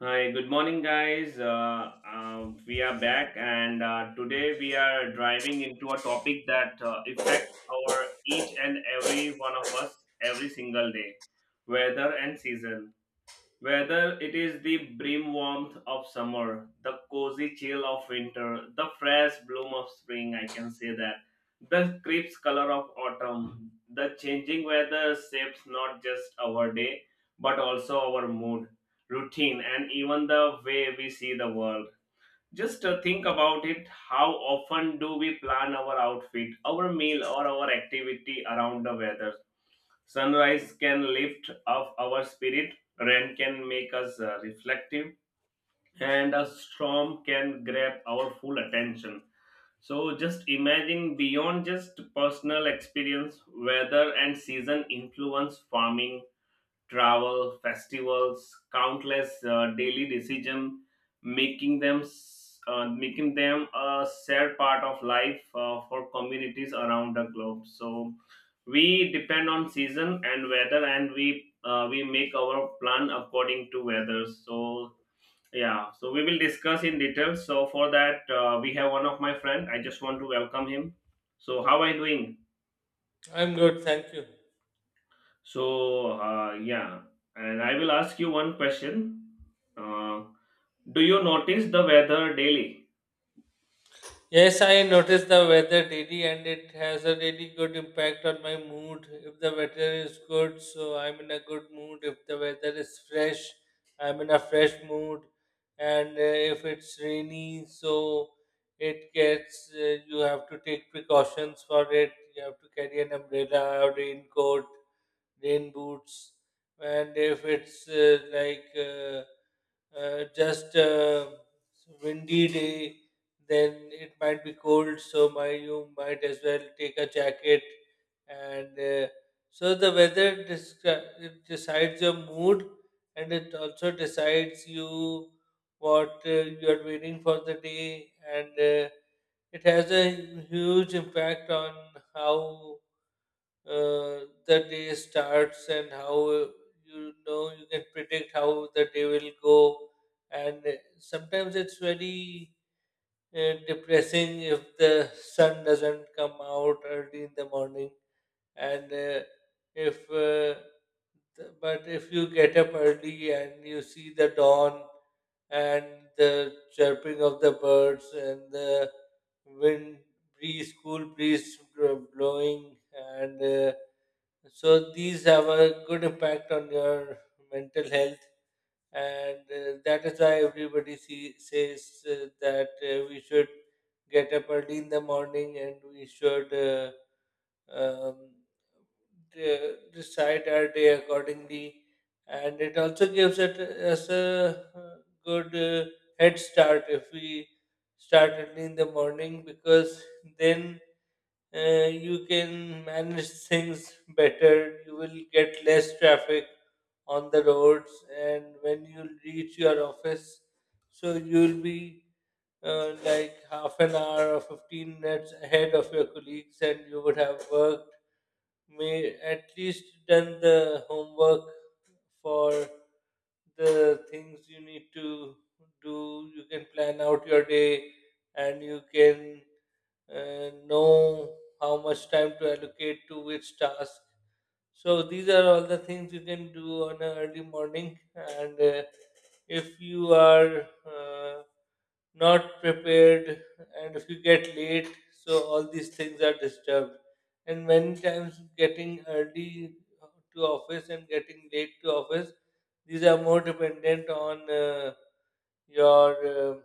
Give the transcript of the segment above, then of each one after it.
Hi, good morning, guys. We are back, and today we are driving into a topic that affects our each and every one of us every single day, weather and season. Whether it is the brim warmth of summer, the cozy chill of winter, the fresh bloom of spring, I can say that, the crisp color of autumn, the changing weather shapes not just our day, but also our mood, routine, and even the way we see the world. Just think about it. How often do we plan our outfit, our meal, or our activity around the weather? Sunrise can lift up our spirit, rain can make us reflective, and a storm can grab our full attention. So just imagine beyond just personal experience, weather and season influence farming, travel, festivals, countless daily decision, making them a shared part of life for communities around the globe. So we depend on season and weather, and we make our plan according to weather. So yeah, so we will discuss in detail. So for that, we have one of my friend. I just want to welcome him. So how are you doing? I'm good, thank you. So, yeah, and I will ask you one question. Uh, do you notice the weather daily? Yes, I noticed the weather daily and it has a really good impact on my mood. If the weather is good, so I'm in a good mood. If the weather is fresh, I'm in a fresh mood. And if it's rainy, so it gets, you have to take precautions for it. You have to carry an umbrella, a raincoat, rain boots. And if it's like, just a windy day, then it might be cold, so you might as well take a jacket. And so it decides your mood, and it also decides you what you are waiting for the day, and it has a huge impact on how uh, the day starts and how you can predict how the day will go, and sometimes it's very depressing if the sun doesn't come out early in the morning, and if but if you get up early and you see the dawn and the chirping of the birds and the wind breeze cool breeze bl- blowing, and so these have a good impact on your mental health, and that is why everybody says that we should get up early in the morning and we should um, decide our day accordingly. And it also gives it us a good head start if we start early in the morning, because then you can manage things better. You will get less traffic on the roads, and when you reach your office, so you'll be like half an hour or 15 minutes ahead of your colleagues, and you would have worked, may at least done the homework for the things you need to do. You can plan out your day, and you can and know how much time to allocate to which task, so these are all the things you can do on an early morning. And if you are not prepared and if you get late, so all these things are disturbed. And many times getting early to office and getting late to office, these are more dependent on your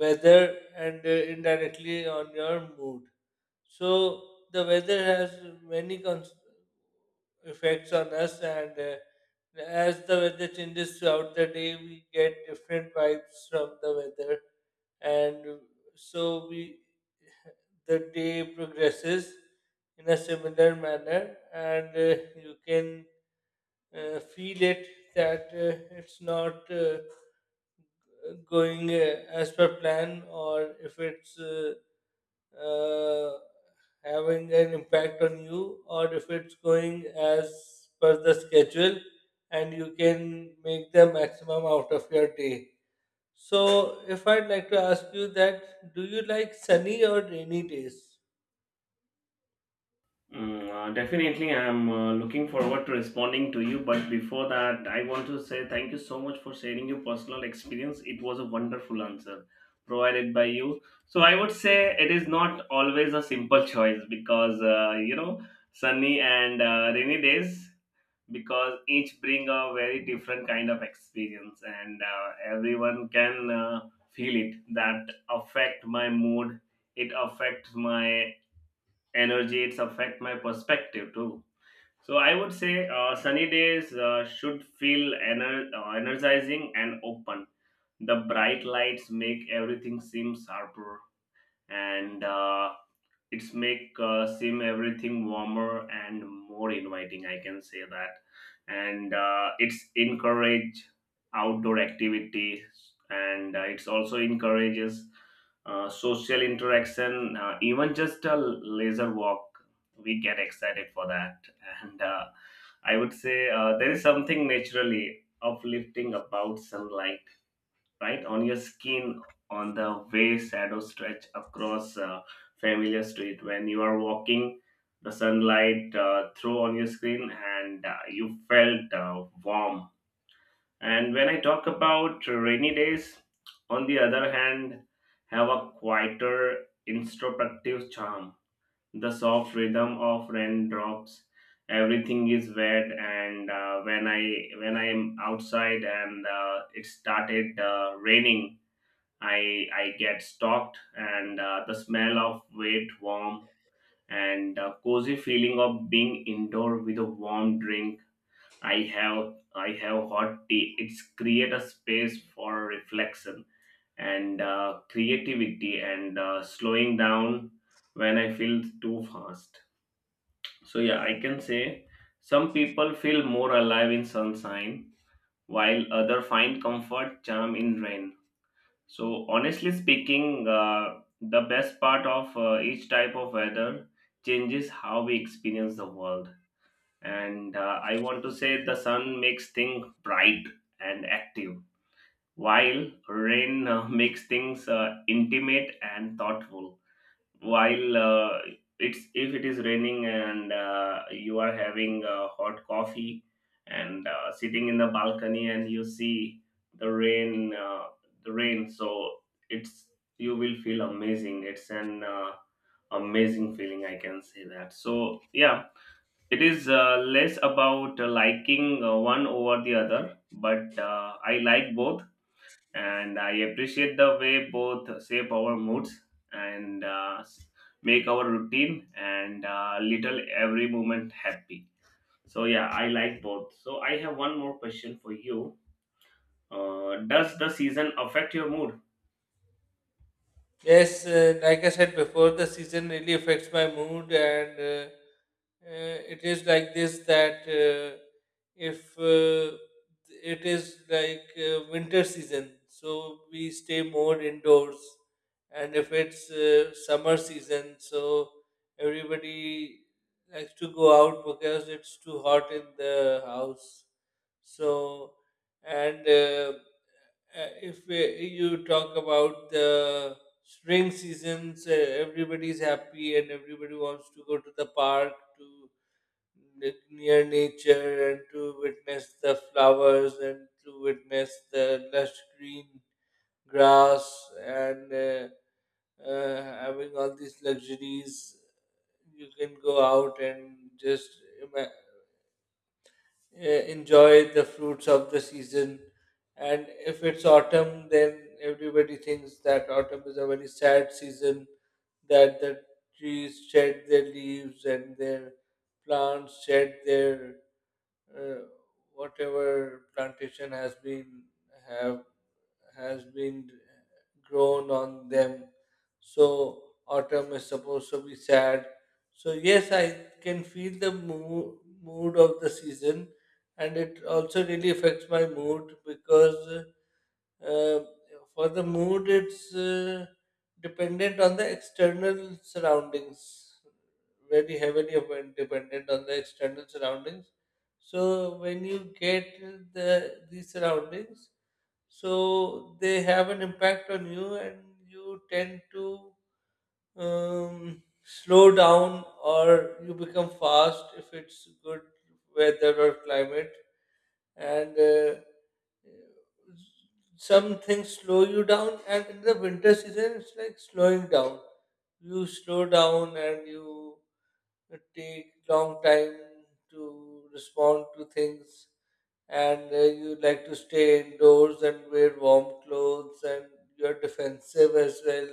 weather and indirectly on your mood. So the weather has many effects on us, and as the weather changes throughout the day, we get different vibes from the weather, and so we the day progresses in a similar manner, and you can feel it that it's not going as per plan, or if it's uh, having an impact on you, or if it's going as per the schedule and you can make the maximum out of your day. So, if I'd like to ask you that, do you like sunny or rainy days? Definitely, I'm looking forward to responding to you. But before that, I want to say thank you so much for sharing your personal experience. It was a wonderful answer provided by you. So, I would say it is not always a simple choice because, you know, sunny and rainy days because each bring a very different kind of experience and everyone can feel it that affect my mood, it affects my energy, it's affect my perspective too. So I would say sunny days should feel energizing and open, the bright lights make everything seem sharper, and it's make sim everything warmer and more inviting, I can say that. And it's encourage outdoor activity, and it's also encourages social interaction, even just a laser walk, we get excited for that. And I would say there is something naturally uplifting about sunlight right on your skin, on the way shadows stretch across a familiar street when you are walking, the sunlight through on your skin and you felt warm. And when I talk about rainy days, on the other hand, have a quieter introspective charm, the soft rhythm of raindrops, everything is wet, and when I when I'm outside and it started raining, I get stalked, and the smell of wet, warm, and cozy feeling of being indoor with a warm drink. I have hot tea. It's create a space for reflection and creativity and slowing down when I feel too fast. So yeah, I can say some people feel more alive in sunshine, while other find comfort charm in rain. So, honestly speaking, the best part of each type of weather changes how we experience the world. And I want to say the sun makes things bright and active, while rain makes things intimate and thoughtful, while it's if it is raining and you are having hot coffee and sitting in the balcony and you see the rain uh, the rain, so it's, you will feel amazing, it's an amazing feeling, I can say that. So yeah, it is less about liking one over the other, but I like both, and I appreciate the way both shape our moods and make our routine and little every moment happy. So yeah, I like both. So I have one more question for you. Does the season affect your mood? Yes, like I said before, the season really affects my mood, and uh, it is like this that if it is like winter season, so we stay more indoors, and if it's summer season, so everybody likes to go out because it's too hot in the house. So, and if you talk about the spring seasons, everybody's happy and everybody wants to go to the park to near nature and to witness the flowers and to witness the lush green grass, and having all these luxuries, you can go out and just ima- enjoy the fruits of the season. And if it's autumn, then everybody thinks that autumn is a very sad season, that the trees shed their leaves and their plants shed their uh, whatever plantation has been have has been grown on them. So autumn is supposed to be sad, so yes, I can feel the mood of the season, and it also really affects my mood, because uh, for the mood it's dependent on the external surroundings, very heavily dependent on the external surroundings. So when you get these surroundings, so they have an impact on you and you tend to slow down, or you become fast if it's good weather or climate. And some things slow you down, and in the winter season it's like slowing down, you slow down and you take long time to respond to things, and you like to stay indoors and wear warm clothes, and you're defensive as well.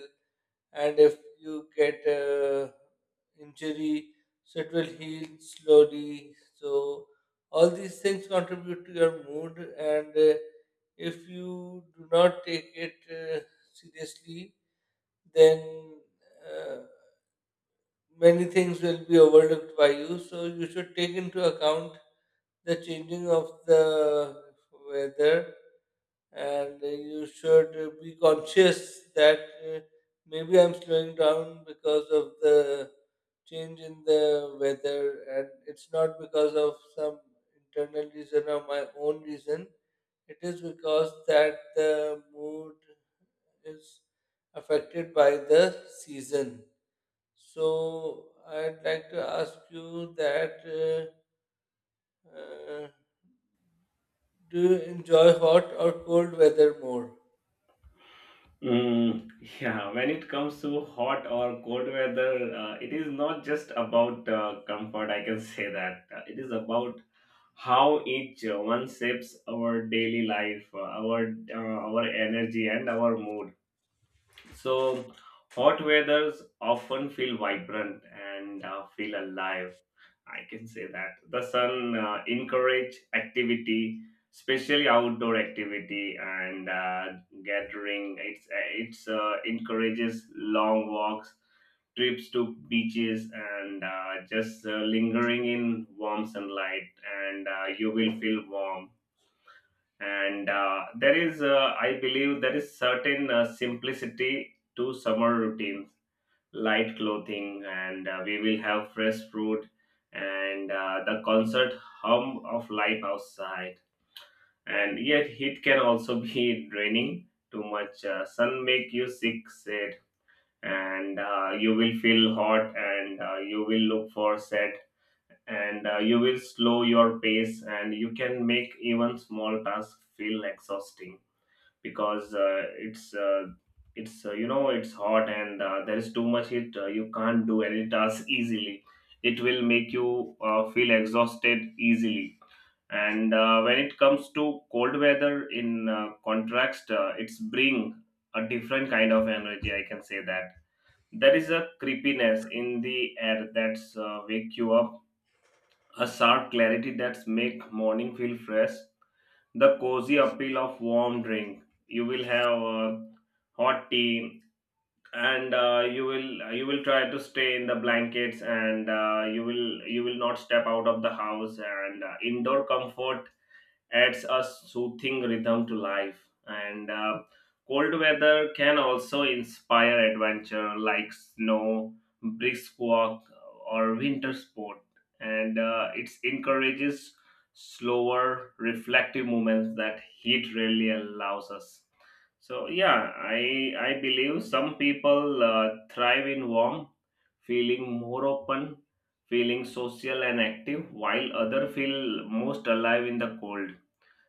And if you get a injury, so it will heal slowly. So all these things contribute to your mood, and if you do not take it seriously, then uh, many things will be overlooked by you. So you should take into account the changing of the weather, and you should be conscious that uh, maybe I'm slowing down because of the change in the weather, and it's not because of some internal reason or my own reason. It is because that the mood is affected by the season. So I'd like to ask you that uh, do you enjoy hot or cold weather more? Mm, yeah, when it comes to hot or cold weather, it is not just about comfort. I can say that. It is about how each one shapes our daily life, our energy, and our mood. So, hot weathers often feel vibrant and feel alive. I can say that the sun encourage activity, especially outdoor activity and gathering. It's encourages long walks, trips to beaches, and just lingering in warm sunlight, and you will feel warm, and there is I believe there is certain simplicity to summer routines, light clothing, and we will have fresh fruit and the concert hum of life outside. And yet heat can also be draining, too much sun make you sick said, and you will feel hot and you will look for set, and you will slow your pace and you can make even small tasks feel exhausting, because it's you know it's hot and there is too much heat. You can't do any task easily. It will make you feel exhausted easily. And when it comes to cold weather, in contrast, it's bring a different kind of energy. I can say that there is a creepiness in the air that's wake you up, a sharp clarity that's make morning feel fresh, the cozy appeal of warm drink. You will have hot tea, and you will try to stay in the blankets, and you will not step out of the house. And indoor comfort adds a soothing rhythm to life. And cold weather can also inspire adventure like snow, brisk walk, or winter sport. And it encourages slower, reflective movements that heat really allows us. So yeah, I believe some people thrive in warm, feeling more open, feeling social and active, while other feel most alive in the cold.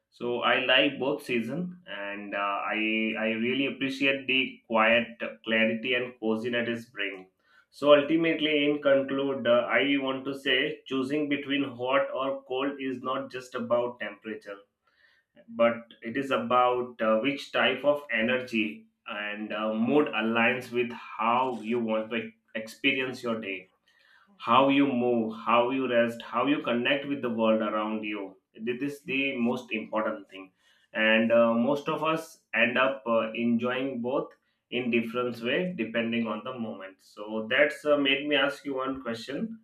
So I like both season, and I really appreciate the quiet clarity and coziness it bring. So ultimately, in conclude, I want to say choosing between hot or cold is not just about temperature, but it is about which type of energy and mood aligns with how you want to experience your day, how you move, how you rest, how you connect with the world around you. This is the most important thing. And most of us end up enjoying both in different way depending on the moment. So that's made me ask you one question.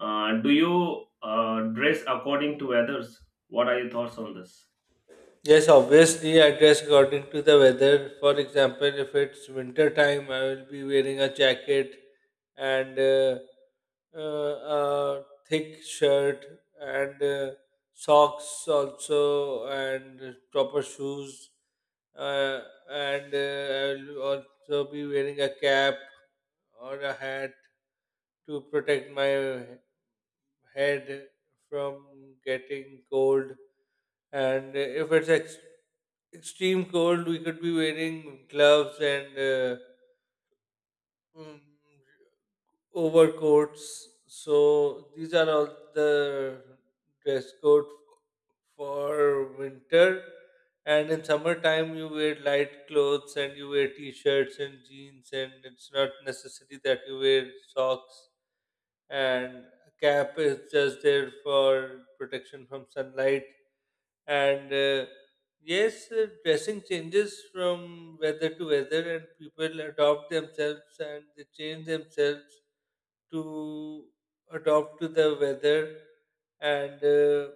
Do you dress according to others? What are your thoughts on this? Yes, obviously, I dress according to the weather. For example, if it's winter time, I will be wearing a jacket and a thick shirt and socks also and proper shoes. uh, and I'll also be wearing a cap or a hat to protect my head from getting cold. And if it's extreme cold, we could be wearing gloves and mm, overcoats. So these are all the dress code for winter. And in summertime, you wear light clothes and you wear t-shirts and jeans, and it's not necessary that you wear socks. And a cap is just there for protection from sunlight. And yes, dressing changes from weather to weather, and people adopt themselves and they change themselves to adopt to the weather. And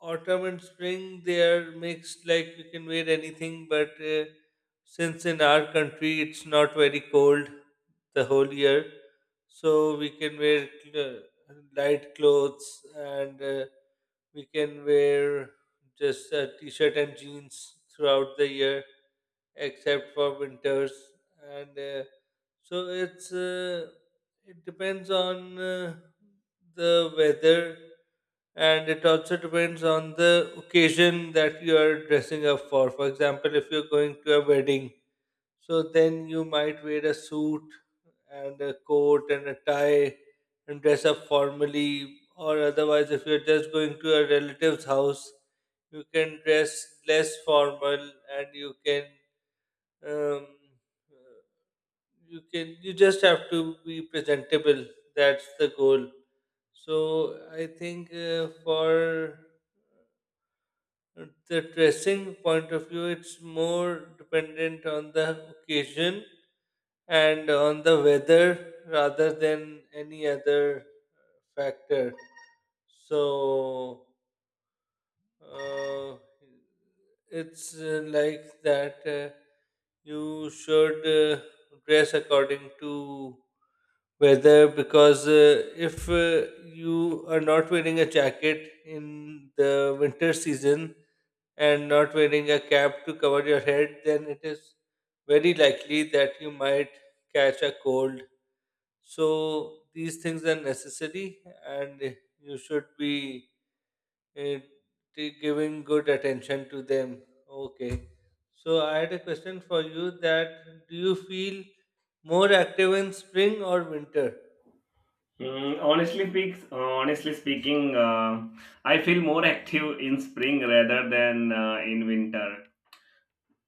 autumn and spring they are mixed, like you can wear anything, but since in our country it's not very cold the whole year, so we can wear light clothes, and we can wear just a t-shirt and jeans throughout the year except for winters. And so it's it depends on the weather, and it also depends on the occasion that you are dressing up for. For example, if you're going to a wedding, so then you might wear a suit and a coat and a tie and dress up formally. Or otherwise, if you're just going to a relative's house, you can dress less formal, and you can um, uh, you can you just have to be presentable. That's the goal. So I think for the dressing point of view, it's more dependent on the occasion and on the weather rather than any other factor. So uh, it's like that you should dress according to whether, because if you are not wearing a jacket in the winter season and not wearing a cap to cover your head, then it is very likely that you might catch a cold. So these things are necessary, and you should be uh, giving good attention to them. Okay. So I had a question for you, that do you feel more active in spring or winter? Honestly speaking, I feel more active in spring rather than in winter,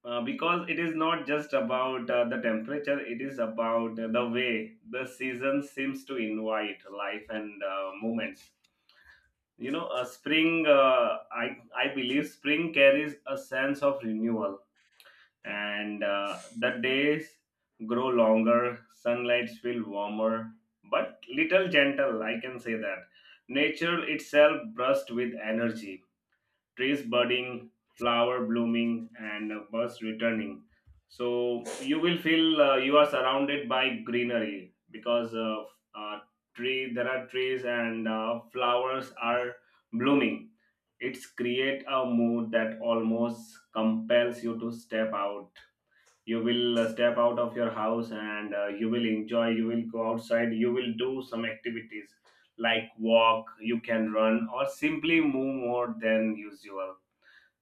because it is not just about the temperature, it is about the way the season seems to invite life and movements. You know, spring, I believe spring carries a sense of renewal, and the days grow longer, sunlights feel warmer but little gentle, I can say that. Nature itself bursts with energy, trees budding, flower blooming, and birds returning. So you will feel you are surrounded by greenery because of uh, tree. There are trees and flowers are blooming. It's create a mood that almost compels you to step out. You will step out of your house and you will enjoy. You will go outside. You will do some activities like walk. You can run or simply move more than usual.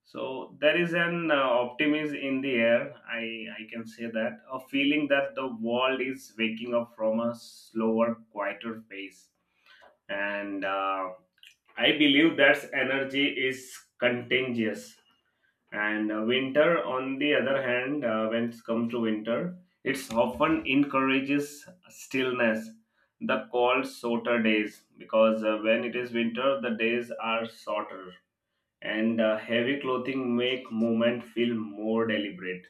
So there is an optimism in the air. I can say that a feeling that the world is waking up from a slower, quieter phase, and I believe that energy is contagious. And winter, on the other hand, when it comes to winter, it's often encourages stillness, the cold, shorter days, because when it is winter, the days are shorter, and heavy clothing make movement feel more deliberate,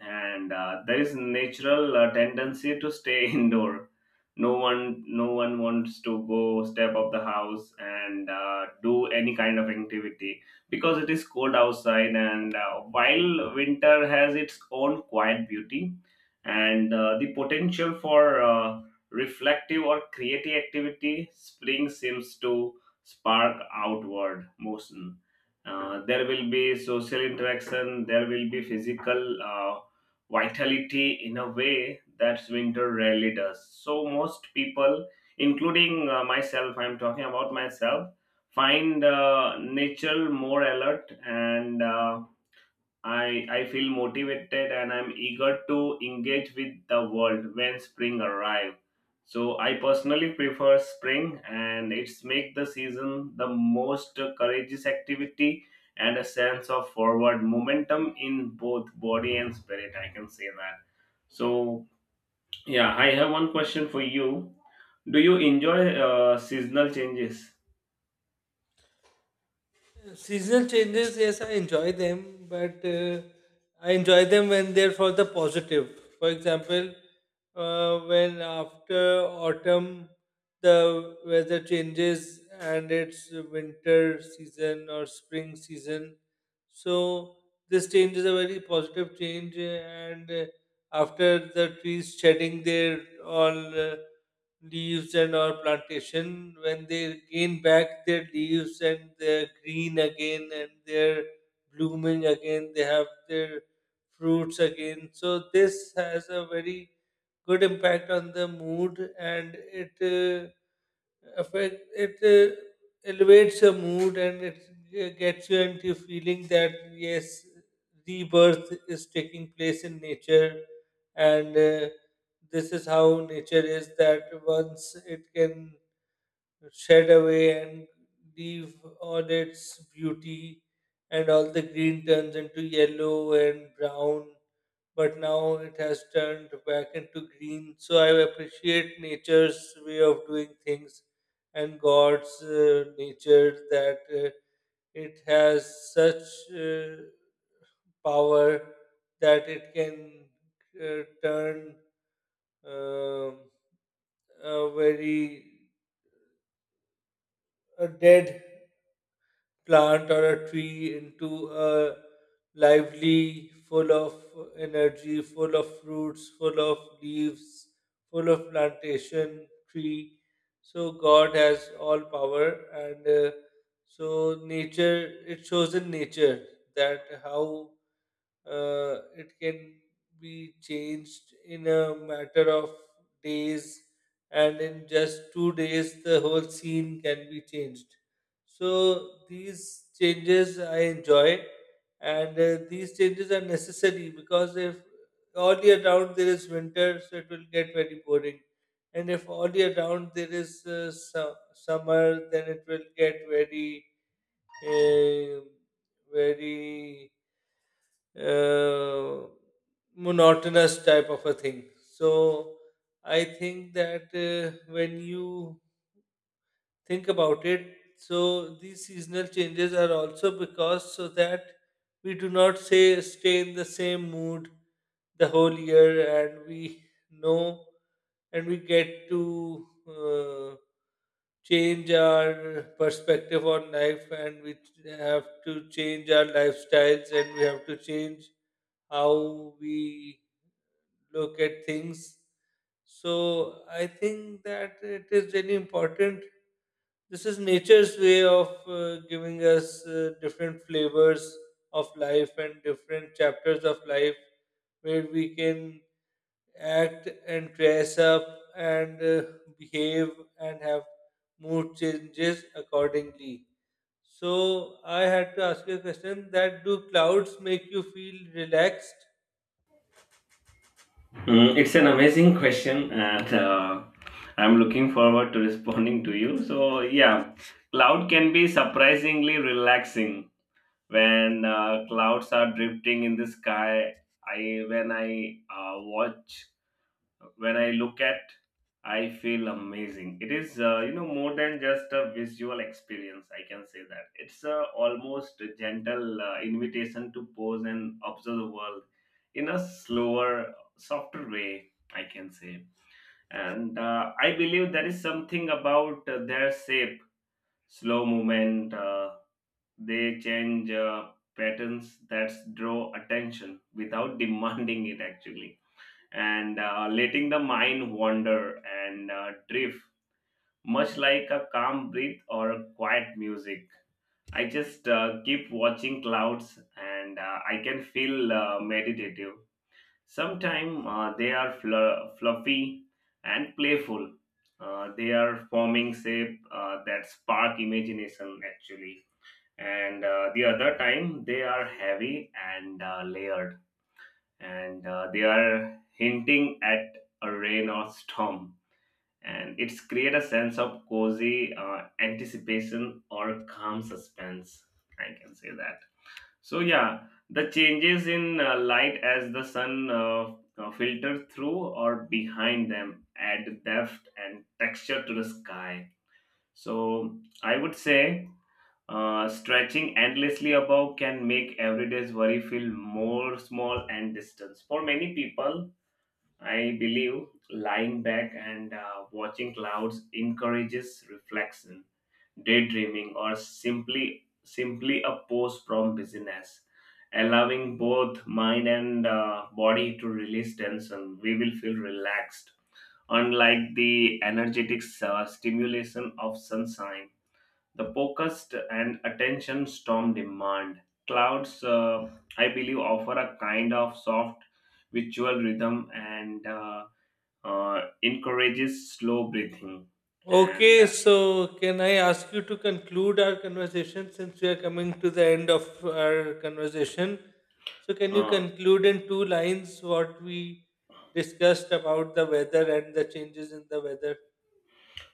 and there is natural tendency to stay indoor. No one wants to go step up the house and do any kind of activity because it is cold outside. And while winter has its own quiet beauty and the potential for reflective or creative activity, spring seems to spark outward motion. There will be social interaction, there will be physical vitality in a way that winter rarely does. So most people, including myself, I'm talking about myself, find nature more alert, and I feel motivated and I'm eager to engage with the world when spring arrives. So I personally prefer spring, and it's make the season the most courageous activity and a sense of forward momentum in both body and spirit. I can say that. So yeah, I have one question for you. Do you enjoy seasonal changes? Seasonal changes, yes, I enjoy them, but I enjoy them when they're for the positive. For example, when after autumn the weather changes and it's winter season or spring season, so this change is a very positive change. And after the trees shedding their all. Leaves, and our plantation when they gain back their leaves and they're green again and they're blooming again, they have their fruits again, so this has a very good impact on the mood. And it affect it elevates your mood, and it gets you into feeling that yes, rebirth is taking place in nature. And this is how nature is, that once it can shed away and leave all its beauty and all the green turns into yellow and brown, but now it has turned back into green. So I appreciate nature's way of doing things, and God's nature, that it has such uh, power that it can turn um a very a dead plant or a tree into a lively, full of energy, full of fruits, full of leaves, full of plantation tree. So God has all power, and so nature. It shows in nature that how it can be changed in a matter of days, and in just 2 days the whole scene can be changed. So these changes I enjoy, and these changes are necessary, because if all year round there is winter, so it will get very boring, and if all year round there is summer, then it will get very uh, very uh, monotonous type of a thing. So I think that when you think about it, so these seasonal changes are also because so that we do not say stay in the same mood the whole year, and we know, and we get to change our perspective on life, and we have to change our lifestyles, and we have to change how we look at things. So I think that it is really important. This is nature's way of giving us different flavors of life and different chapters of life where we can act and dress up and behave and have mood changes accordingly. So I had to ask you a question, that do clouds make you feel relaxed? It's an amazing question, and I'm looking forward to responding to you. So, yeah, cloud can be surprisingly relaxing when clouds are drifting in the sky. I when I watch when I look at, I feel amazing. It is, you know, more than just a visual experience. I can say that it's a almost a gentle invitation to pause and observe the world in a slower, softer way. I can say, and I believe there is something about their shape, slow movement. They change patterns that draw attention without demanding it actually, and letting the mind wander and drift, much like a calm breath or a quiet music. I just keep watching clouds, and I can feel meditative. Sometimes they are fluffy and playful. They are forming shape that spark imagination actually, and the other time they are heavy and layered, and they are hinting at a rain or storm, and it's create a sense of cozy anticipation or calm suspense, I can say that. So yeah, the changes in light as the sun filter through or behind them add depth and texture to the sky. So I would say stretching endlessly above can make everyday's worry feel more small and distant. For many people, I believe lying back and watching clouds encourages reflection, daydreaming, or simply a pause from busyness, allowing both mind and body to release tension. We will feel relaxed, unlike the energetic stimulation of sunshine. The focused and attention storm demand clouds. I believe offer a kind of soft, ritual rhythm and. Encourages slow breathing and Okay, so can I ask you to conclude our conversation, since we are coming to the end of our conversation? So, can you uh, conclude in two lines what we discussed about the weather and the changes in the weather?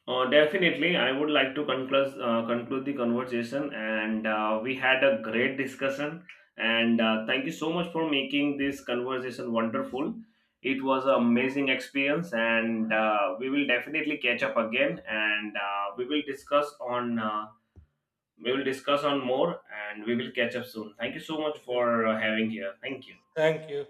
definitely I would like to conclude the conversation, and we had a great discussion, and thank you so much for making this conversation wonderful. It was an Thank- amazing experience, and we will definitely catch up again, and we will discuss on more, and we will catch up soon. Thank you so much Okay, for having here. Thank you. thank you.